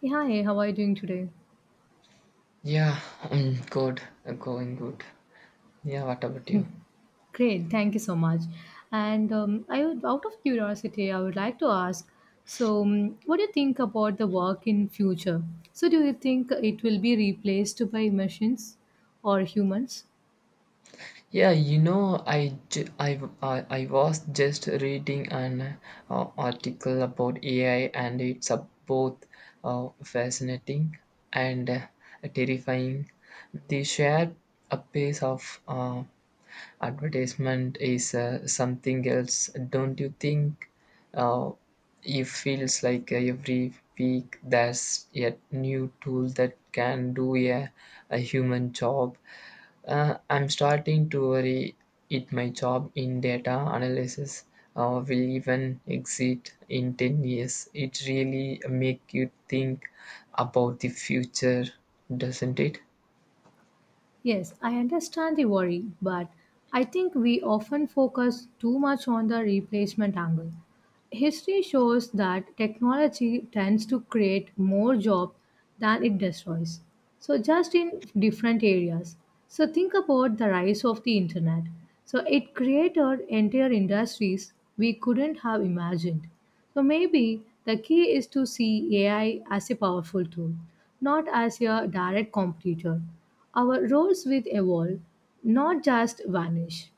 Hey, hi, how are you doing today? Yeah, I'm good. I'm going good. Yeah, what about you? Great, thank you so much. And I would, out of curiosity, I would like to ask. So, what do you think about the work in future? So, do you think it will be replaced by machines or humans? Yeah, you know, I, ju- I was just reading an article about AI, and it's both fascinating and terrifying. They share a pace of advertisement is something else, don't you think? uh, it feels like every week there's a new tool that can do a human job. I'm starting to worry it my job in data analysis will even exit in 10 years. It really make you think about the future, doesn't it? Yes, I understand the worry, but I think we often focus too much on the replacement angle. History shows that technology tends to create more jobs than it destroys. So, just in different areas. So, think about the rise of the internet. So, it created entire industries we couldn't have imagined. So, maybe the key is to see AI as a powerful tool, not as a direct competitor. Our roles will evolve, not just vanish.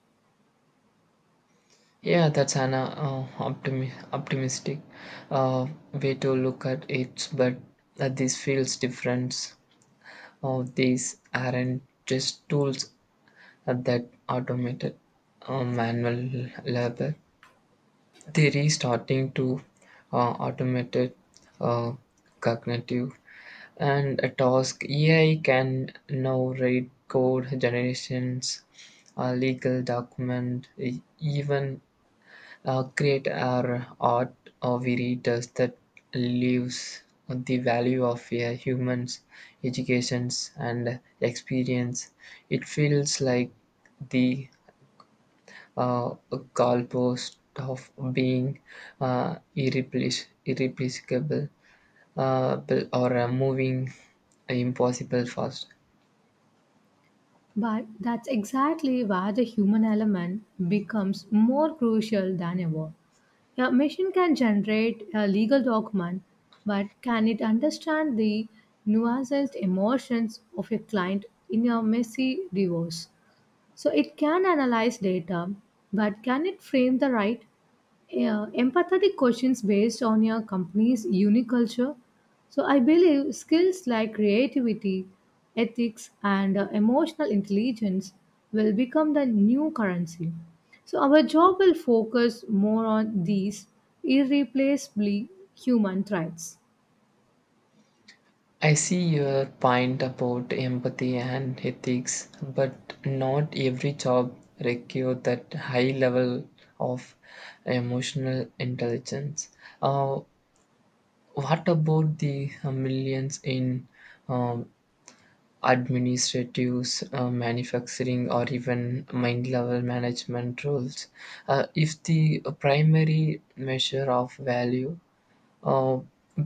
Yeah, that's an optimistic uh, way to look at it, but this feels different. These aren't just tools that automated manual labor. They're restarting to automated uh, cognitive and a task. AI can now read code generations, legal document, even create our art or we read us that lives the value of a human's educations and experience. It feels like the uh, goalpost of being irreplaceable, uh, or moving impossible fast. But that's exactly where the human element becomes more crucial than ever. A machine can generate a legal document, but can it understand the nuanced emotions of a client in a messy divorce? So it can analyze data, but can it frame the right, yeah, empathetic questions based on your company's unique culture? So, I believe skills like creativity, ethics, and emotional intelligence will become the new currency. So, our job will focus more on these irreplaceably human traits. I see your point about empathy and ethics, but not every job requires that high level of emotional intelligence. What about the millions in um, administratives, manufacturing, or even mind level management roles? If the primary measure of value uh,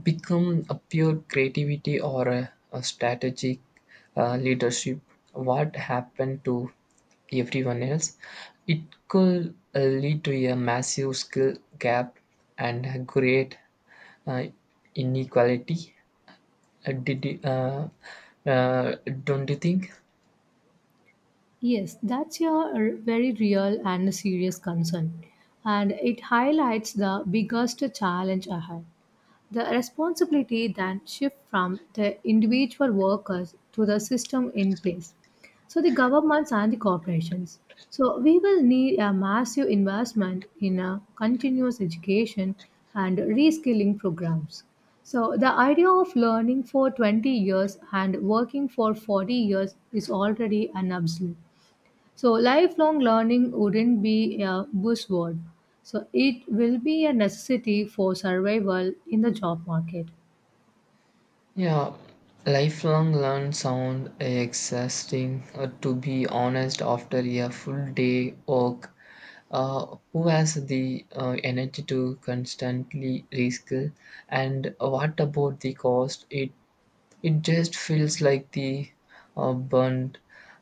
become a pure creativity or a strategic leadership, what happened to everyone else? It could lead to a massive skill gap and create uh, inequality. uh, did you- uh, uh, don't you think? Yes, that's a very real and serious concern, and it highlights the biggest challenge ahead. The responsibility then shifts from the individual workers to the system in place, so the governments and the corporations. So we will need a massive investment in a continuous education and reskilling programs. So the idea of learning for 20 years and working for 40 years is already an absolute. So, lifelong learning wouldn't be a buzzword. So, it will be a necessity for survival in the job market. Yeah, lifelong learn sound exhausting, to be honest, after a full day work. Who has the energy to constantly reskill? And what about the cost? It just feels like the burnt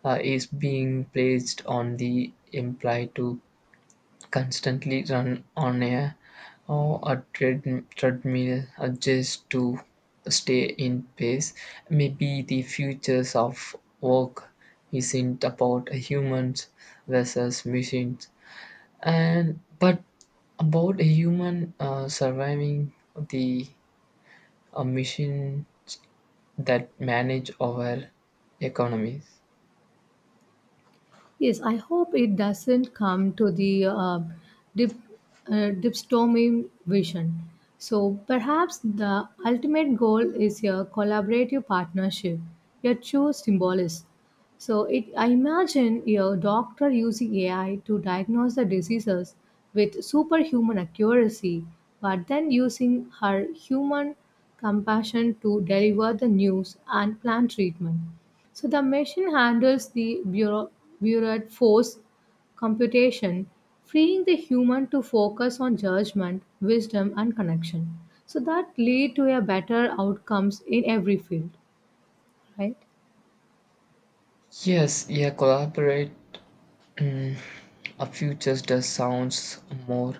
is being placed on the employee to constantly run on a treadmill, just to stay in pace. Maybe the futures of work isn't about humans versus machines, and but about a human surviving the a machine that manage our economies. Yes, I hope it doesn't come to the dip, dipstomim vision. So perhaps the ultimate goal is a collaborative partnership, a true symbolist. I imagine a doctor using AI to diagnose the diseases with superhuman accuracy, but then using her human compassion to deliver the news and plan treatment. So the machine handles the bureaucrat force computation, freeing the human to focus on judgment, wisdom, and connection. So that lead to a better outcomes in every field, right? Yes, yeah, collaborate. mm, a future does sounds more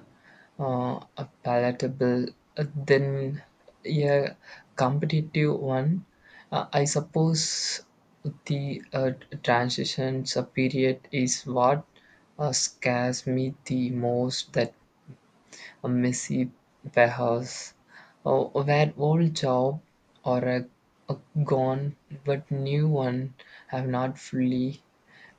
uh, palatable than a competitive one, I suppose. The transition period is what scares me the most, that a messy warehouse uh, where old job or a gone but new one have not fully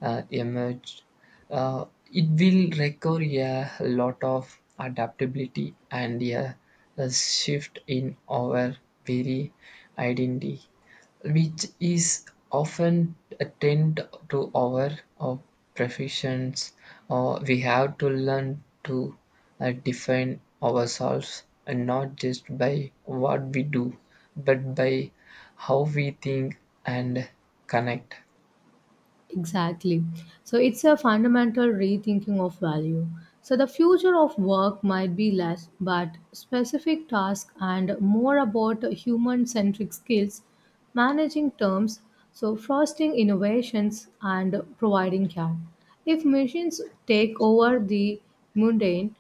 emerged. It will require a lot of adaptability and a shift in our very identity, which is often a tend to our uh, professions, or we have to learn to define ourselves, and not just by what we do but by how we think and connect. Exactly. So it's a fundamental rethinking of value. So the future of work might be less but specific tasks and more about human centric skills, managing terms, so fostering innovations and providing care. If machines take over the mundane,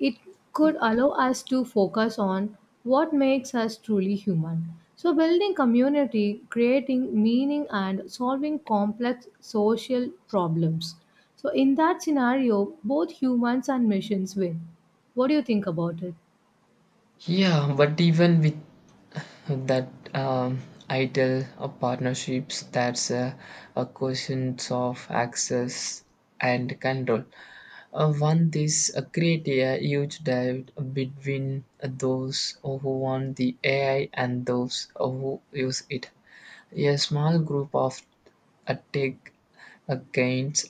it could allow us to focus on what makes us truly human. So, building community, creating meaning, and solving complex social problems. So, in that scenario, both humans and machines win. What do you think about it? Yeah, but even with that um, idle partnerships, that's a question of access and control. One, this create a huge divide between those who want the AI and those who use it. A small group of Attic Achaeans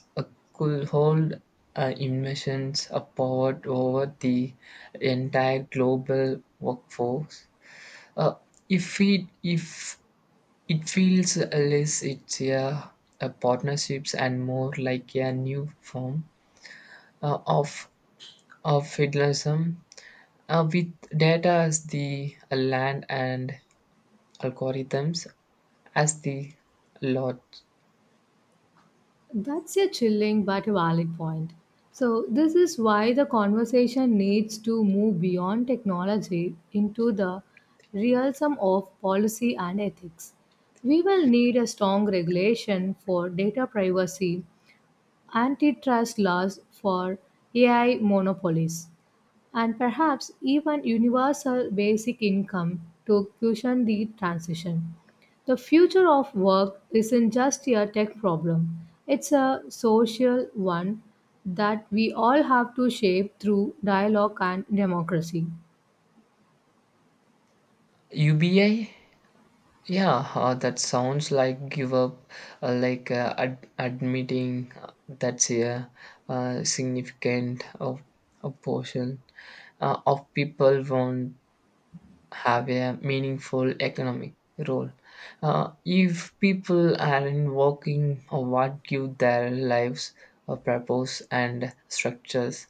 could hold emissions invasions power over the entire global workforce. Uh, if it feels less it's a partnerships and more like a new form uh, of of feudalism, with data as the land and algorithms as the lot. That's a chilling but a valid point. So, this is why the conversation needs to move beyond technology into the realism of policy and ethics. We will need a strong regulation for data privacy, antitrust laws for AI monopolies, and perhaps even universal basic income to cushion the transition. The future of work isn't just a tech problem, it's a social one that we all have to shape through dialogue and democracy. UBI. Yeah, that sounds like give up, like admitting that's a, significant of a portion of people won't have a meaningful economic role. If people aren't working, or what give their lives a purpose and structures,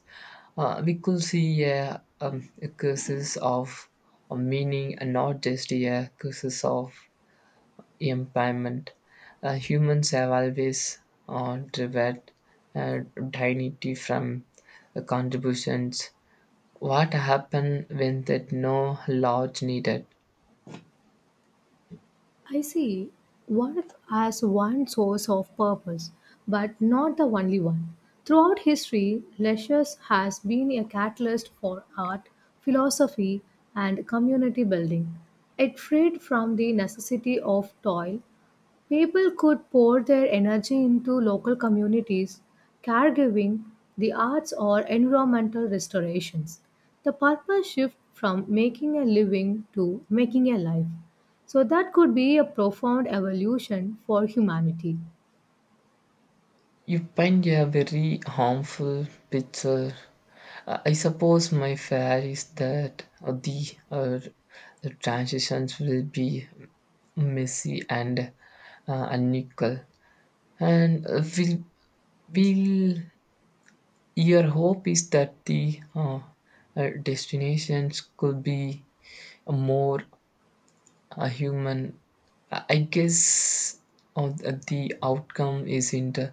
we could see a crisis of meaning, and not just a crisis of impairment. Humans have always derived uh, dignity from contributions. What happened when that no large needed? I see work as one source of purpose, but not the only one. Throughout history, leisure has been a catalyst for art, philosophy, and community building. It freed from the necessity of toil. People could pour their energy into local communities, caregiving, the arts, or environmental restorations. The purpose shift from making a living to making a life. So, that could be a profound evolution for humanity. You paint a very harmful picture. I suppose my fear is that the transitions will be messy and unequal, and will. Your hope is that the destinations could be more human. I guess uh, the outcome isn't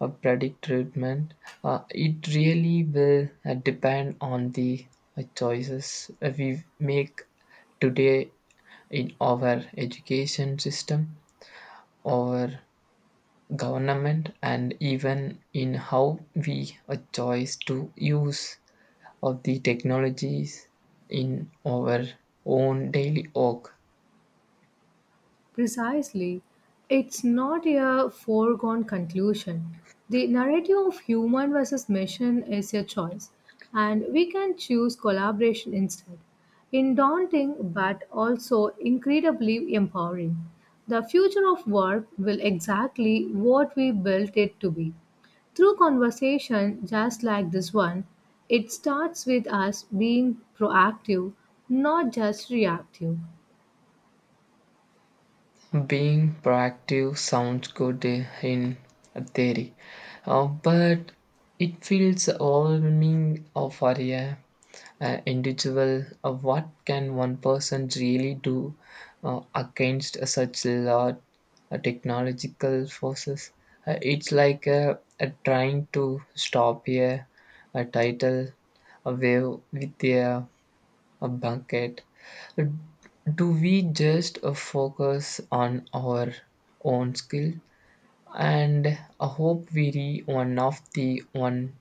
a predict treatment. It really will depend on the choices we make today, in our education system, our government, and even in how we a choice to use of the technologies in our own daily work. Precisely. It's not a foregone conclusion. The narrative of human versus machine is a choice, and we can choose collaboration instead. In daunting but also incredibly empowering, the future of work will exactly what we built it to be. Through conversation just like this one, it starts with us being proactive, not just reactive. Being proactive sounds good in theory, but it feels overwhelming for a individual. What can one person really do against such large technological forces? It's like trying to stop a tidal wave with a bucket. Do we just focus on our own skill, and I hope we are one of the one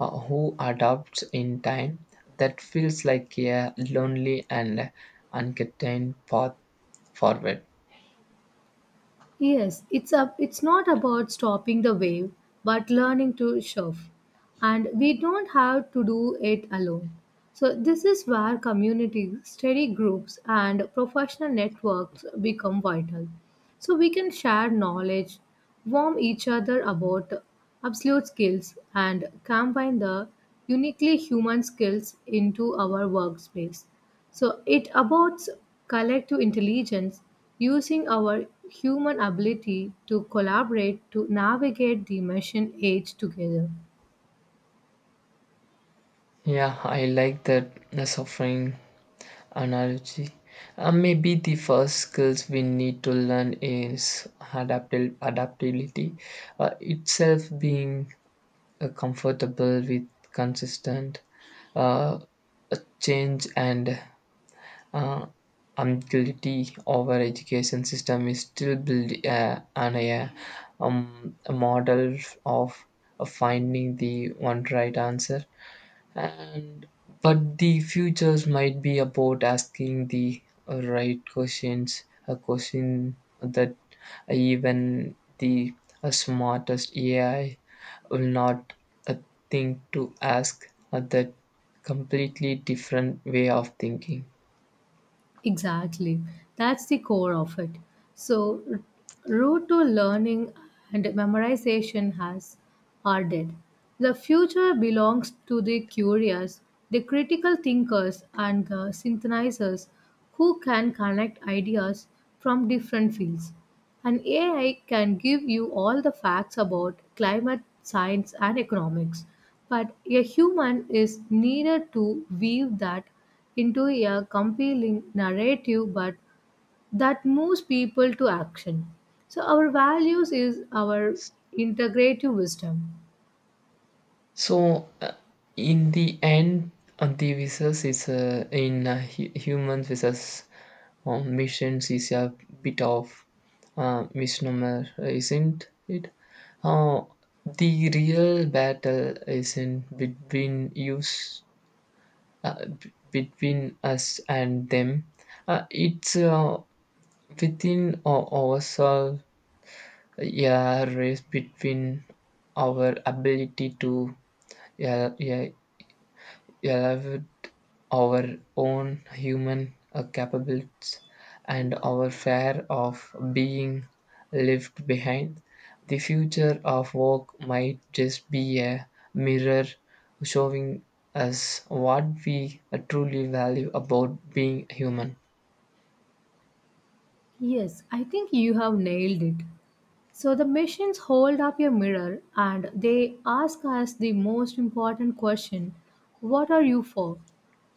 who adopts in time? That feels like a lonely and uncontained path forward. Yes, it's not about stopping the wave, but learning to surf. And we don't have to do it alone. So this is where communities, study groups and professional networks become vital. So we can share knowledge, warm each other about absolute skills and combine the uniquely human skills into our workspace. So it aborts collective intelligence using our human ability to collaborate to navigate the machine age together. Yeah, I like that the suffering analogy. Maybe the first skills we need to learn is adaptability itself, being comfortable with consistent uh, change, and uh, utility of our education system is still built on a model of, of finding the one right answer, and but the futures might be about asking the right questions, a question that even the smartest AI will not uh, think to ask, that completely different way of thinking. Exactly. That's the core of it. So, route to learning and memorization has are dead. The future belongs to the curious, the critical thinkers, and the synthesizers who can connect ideas from different fields. And AI can give you all the facts about climate science and economics, but a human is needed to weave that into a compelling narrative but that moves people to action. So our values is our integrative wisdom. So, in the end, the visas is in human visas missions is a bit of misnomer, isn't it? Uh, the real battle is in between us, between us and them. It's within ourselves. Yeah, race between our ability to, yeah, yeah, elevate our own human capabilities and our fear of being left behind. The future of work might just be a mirror showing us what we truly value about being human. Yes, I think you have nailed it. So the machines hold up a mirror and they ask us the most important question. What are you for?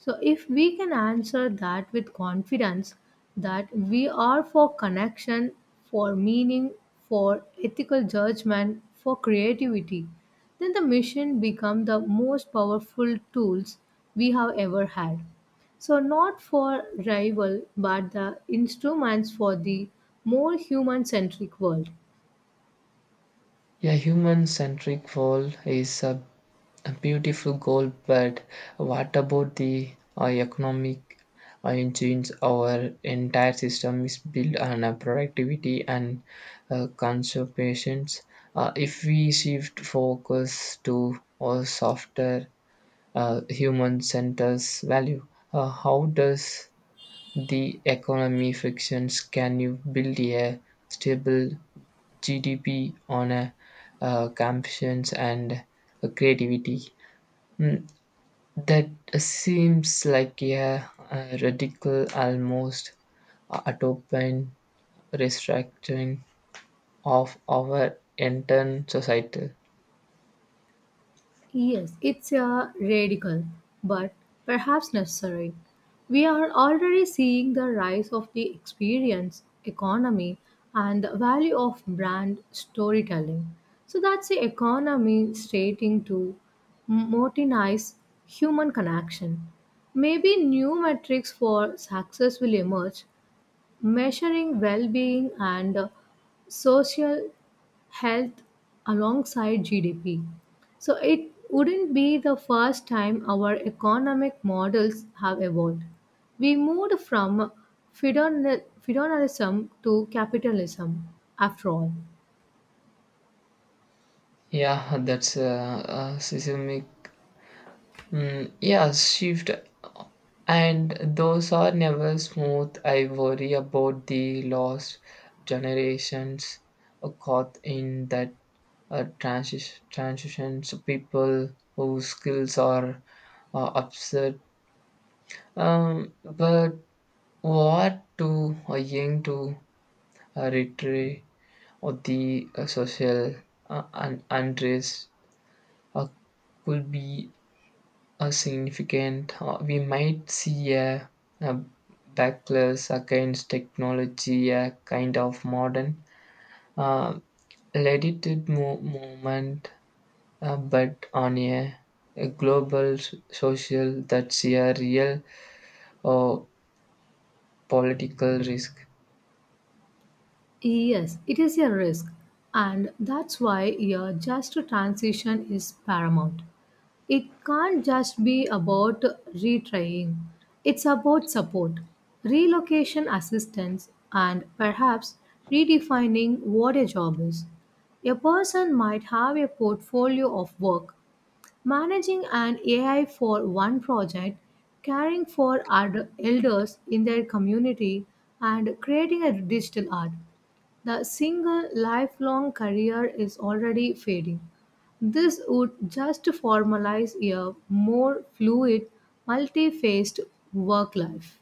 So if we can answer that with confidence that we are for connection, for meaning, for ethical judgment, for creativity, then the machine become the most powerful tools we have ever had. So not for rival but the instruments for the more human centric world. A human centric world is a beautiful goal, but what about the economic engines? Our entire system is built on productivity and conservation. If we shift focus to a softer human centers value, how does the economy fictions? Can you build a stable GDP on a compassion and creativity? Mm, that seems like a radical, almost utopian restructuring of our entire society. Yes, it's a radical, but perhaps necessary. We are already seeing the rise of the experience economy and the value of brand storytelling. So that's the economy stating to modernize human connection. Maybe new metrics for success will emerge measuring well-being and social health alongside GDP. So it wouldn't be the first time our economic models have evolved. We moved from feudalism to capitalism. After all, Yeah, that's a seismic, yeah, shift. And those are never smooth. I worry about the lost generations caught in that transitions, people whose skills are upset. But what too young to retreat, or the social unrest uh, could be a significant. We might see a backlash against technology, a kind of modern uh, movement, but on a global social, that's a real uh, political risk. yes, it is a risk, and that's why a just transition is paramount. It can't just be about retrying, it's about support, relocation assistance, and perhaps redefining what a job is. A person might have a portfolio of work, managing an AI for one project, caring for elders in their community, and creating a digital art. The single lifelong career is already fading. This would just formalize a more fluid, multi faced work life.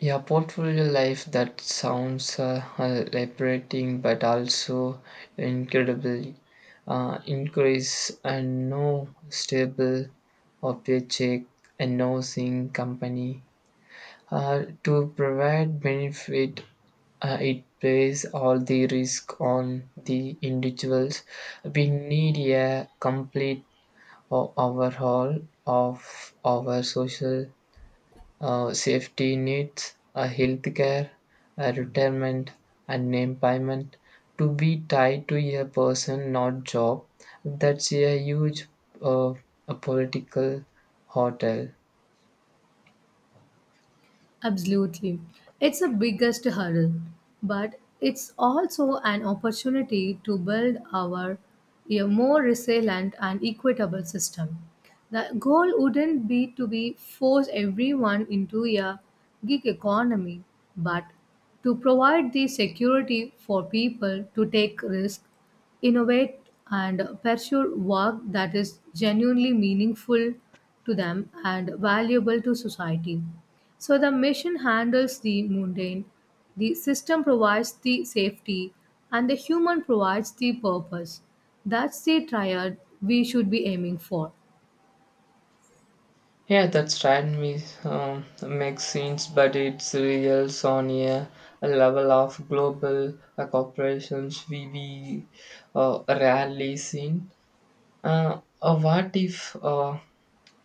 Yeah, portfolio life, that sounds liberating but also incredibly increase, and no stable or paycheck, and no sing company to provide benefit. It plays all the risk on the individuals. We need a complete overhaul of our social safety nets, health care, retirement, and name payment to be tied to a person, not job. That's a huge uh, a political hotel. Absolutely. It's a biggest hurdle, but it's also an opportunity to build our a more resilient and equitable system. The goal wouldn't be to be force everyone into a gig economy, but to provide the security for people to take risk, innovate and pursue work that is genuinely meaningful to them and valuable to society. So the mission handles the mundane, the system provides the safety, and the human provides the purpose. That's the triad we should be aiming for. Yeah, that's right. Me, makes sense, but it's real on a level of global corporations, we rarely seen. What if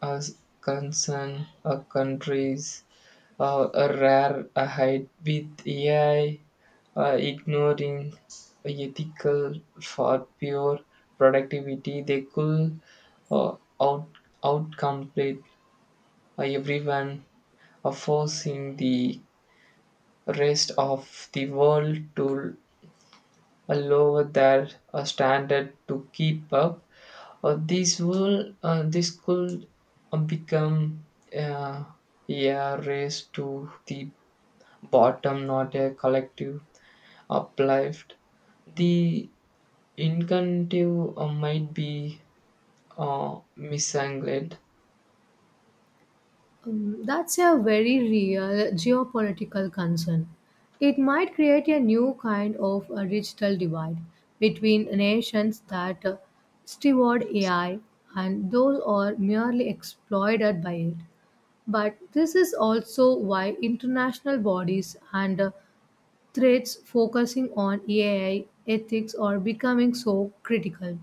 as concern countries a rare a height with AI ignoring ethical for pure productivity. They could uh, out outcompete everyone, forcing the rest of the world to lower their standard to keep up. This could become uh, a race to the bottom, not a collective uplift. The incentive might be misangled. That's a very real geopolitical concern. It might create a new kind of a digital divide between nations that steward AI and those are merely exploited by it. But this is also why international bodies and threats focusing on AI ethics are becoming so critical.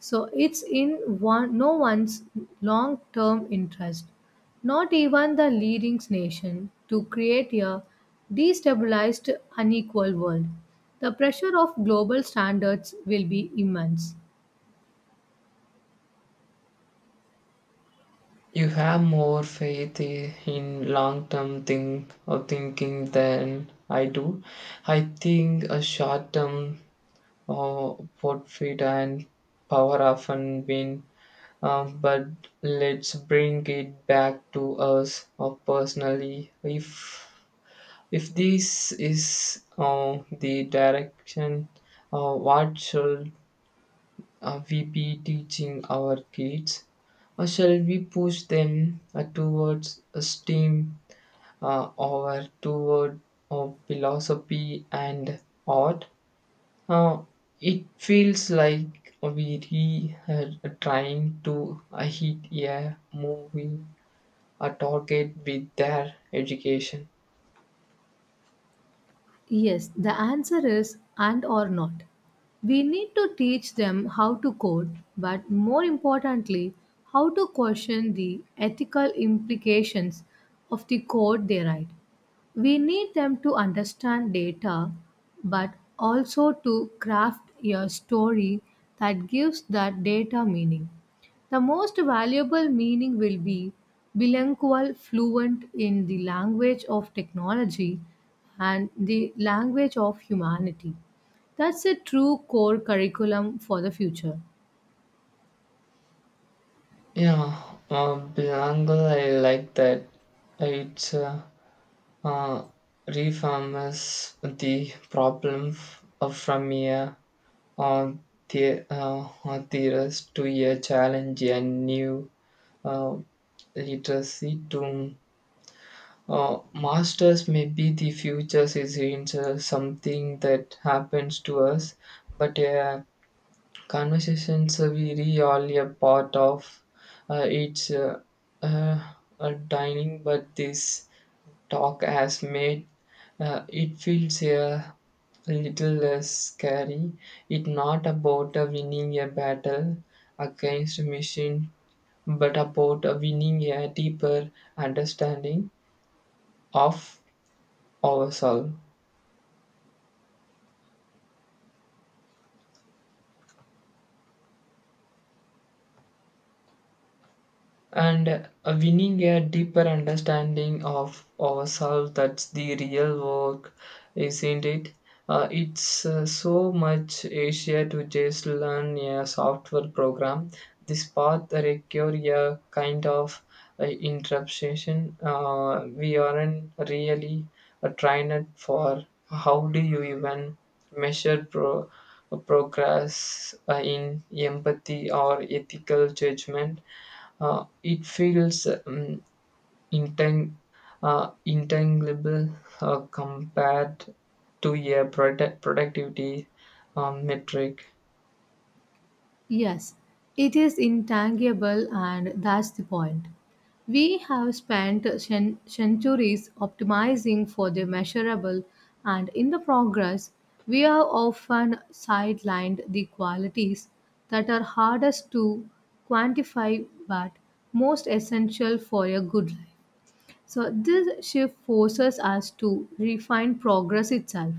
So it's in one, no one's long term interest, not even the leading nation, to create a destabilized, unequal world. The pressure of global standards will be immense. You have more faith in long-term thinking than I do. I think a short-term profit and power often win. But let's bring it back to us, or personally. If this is the direction, what should we be teaching our kids? Or shall we push them towards a STEAM, or toward philosophy and art? Uh, it feels like we trying to hit a moving a target with their education. Yes, the answer is and or not. We need to teach them how to code, but more importantly, how to question the ethical implications of the code they write. We need them to understand data, but also to craft a story that gives that data meaning. The most valuable meaning will be bilingual, fluent in the language of technology and the language of humanity. That's a true core curriculum for the future. Yeah, Bilangal, I like that. It uh, refarms the problem from a uh, the, theorist to a challenge and new uh, literacy to masters. Maybe the future is into something that happens to us, but conversations are really all a part of its uh, dining, but this talk has made it feels a little less scary. It's not about winning a battle against a machine, but about winning a deeper understanding of ourselves. And winning a deeper understanding of ourselves, that's the real work, isn't it? It's so much easier to just learn a software program. This path require a kind of interruption. We aren't really trained for. How do you even measure progress in empathy or ethical judgment? It feels intang- intangible compared to a productivity metric. Yes, it is intangible, and that's the point. We have spent centuries optimizing for the measurable, and in the progress, we have often sidelined the qualities that are hardest to quantify but most essential for a good life. So, this shift forces us to refine progress itself.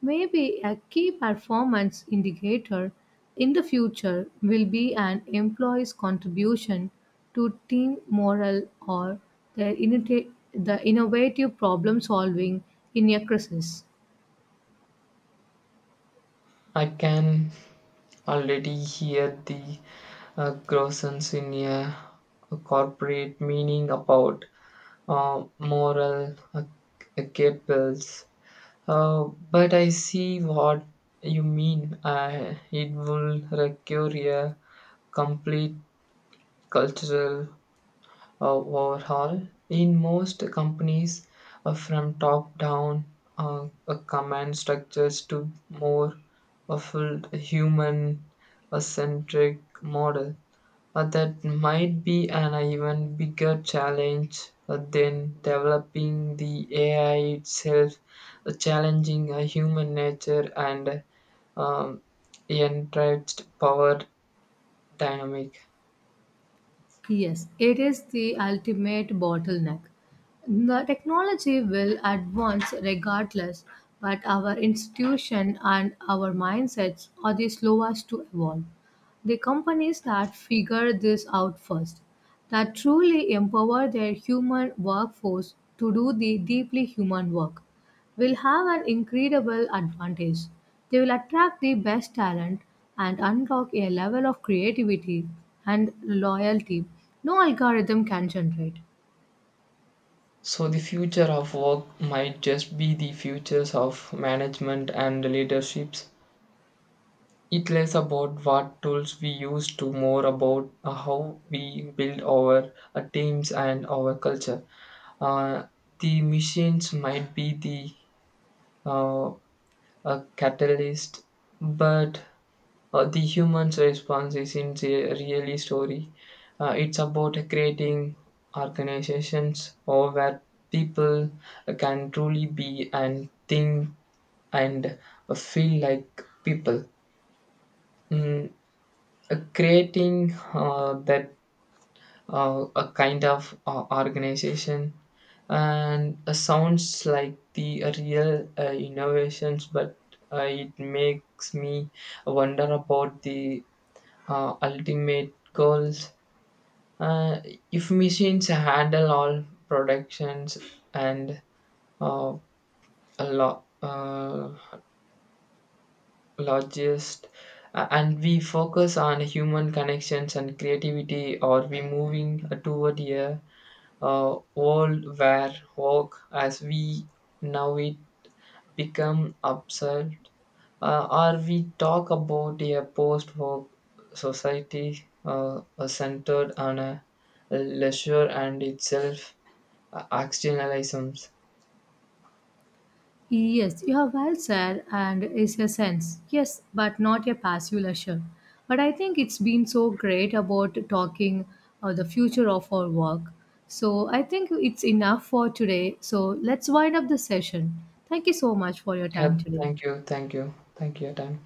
Maybe a key performance indicator in the future will be an employee's contribution to team morale or the innovative problem solving in a crisis. I can already hear the grossness in a corporate meaning about moral cables. Uh, but I see what you mean. It will require a complete cultural overhaul. In most companies, from top down command structures to more a full human centric model. That might be an even bigger challenge than developing the AI itself, challenging human nature and uh, um, entrenched power dynamic. Yes, it is the ultimate bottleneck. The technology will advance regardless, but our institution and our mindsets are the slowest to evolve. The companies that figure this out first, that truly empower their human workforce to do the deeply human work, will have an incredible advantage. They will attract the best talent and unlock a level of creativity and loyalty no algorithm can generate. So the future of work might just be the futures of management and leaderships. It less about what tools we use, to more about how we build our teams and our culture. Uh, the machines might be the uh, a catalyst, but the human's response isn't a really story. It's about creating organizations or where people can truly be and think and feel like people. Mm, Creating that, a kind of organization, and sounds like the real innovations, but it makes me wonder about the ultimate goals. Uh, if machines handle all productions and uh, a lot logist, and we focus on human connections and creativity, are we moving toward a world where work as we know it become absurd? Uh, or we talk about a post work society centered on a leisure and itself externalisms. Yes, you have well said, and it's a sense. Yes, but not a passive leisure. But I think it's been so great about talking the future of our work. So I think it's enough for today. So let's wind up the session. Thank you so much for your time Yeah, today. thank you, thank you, thank you, your time.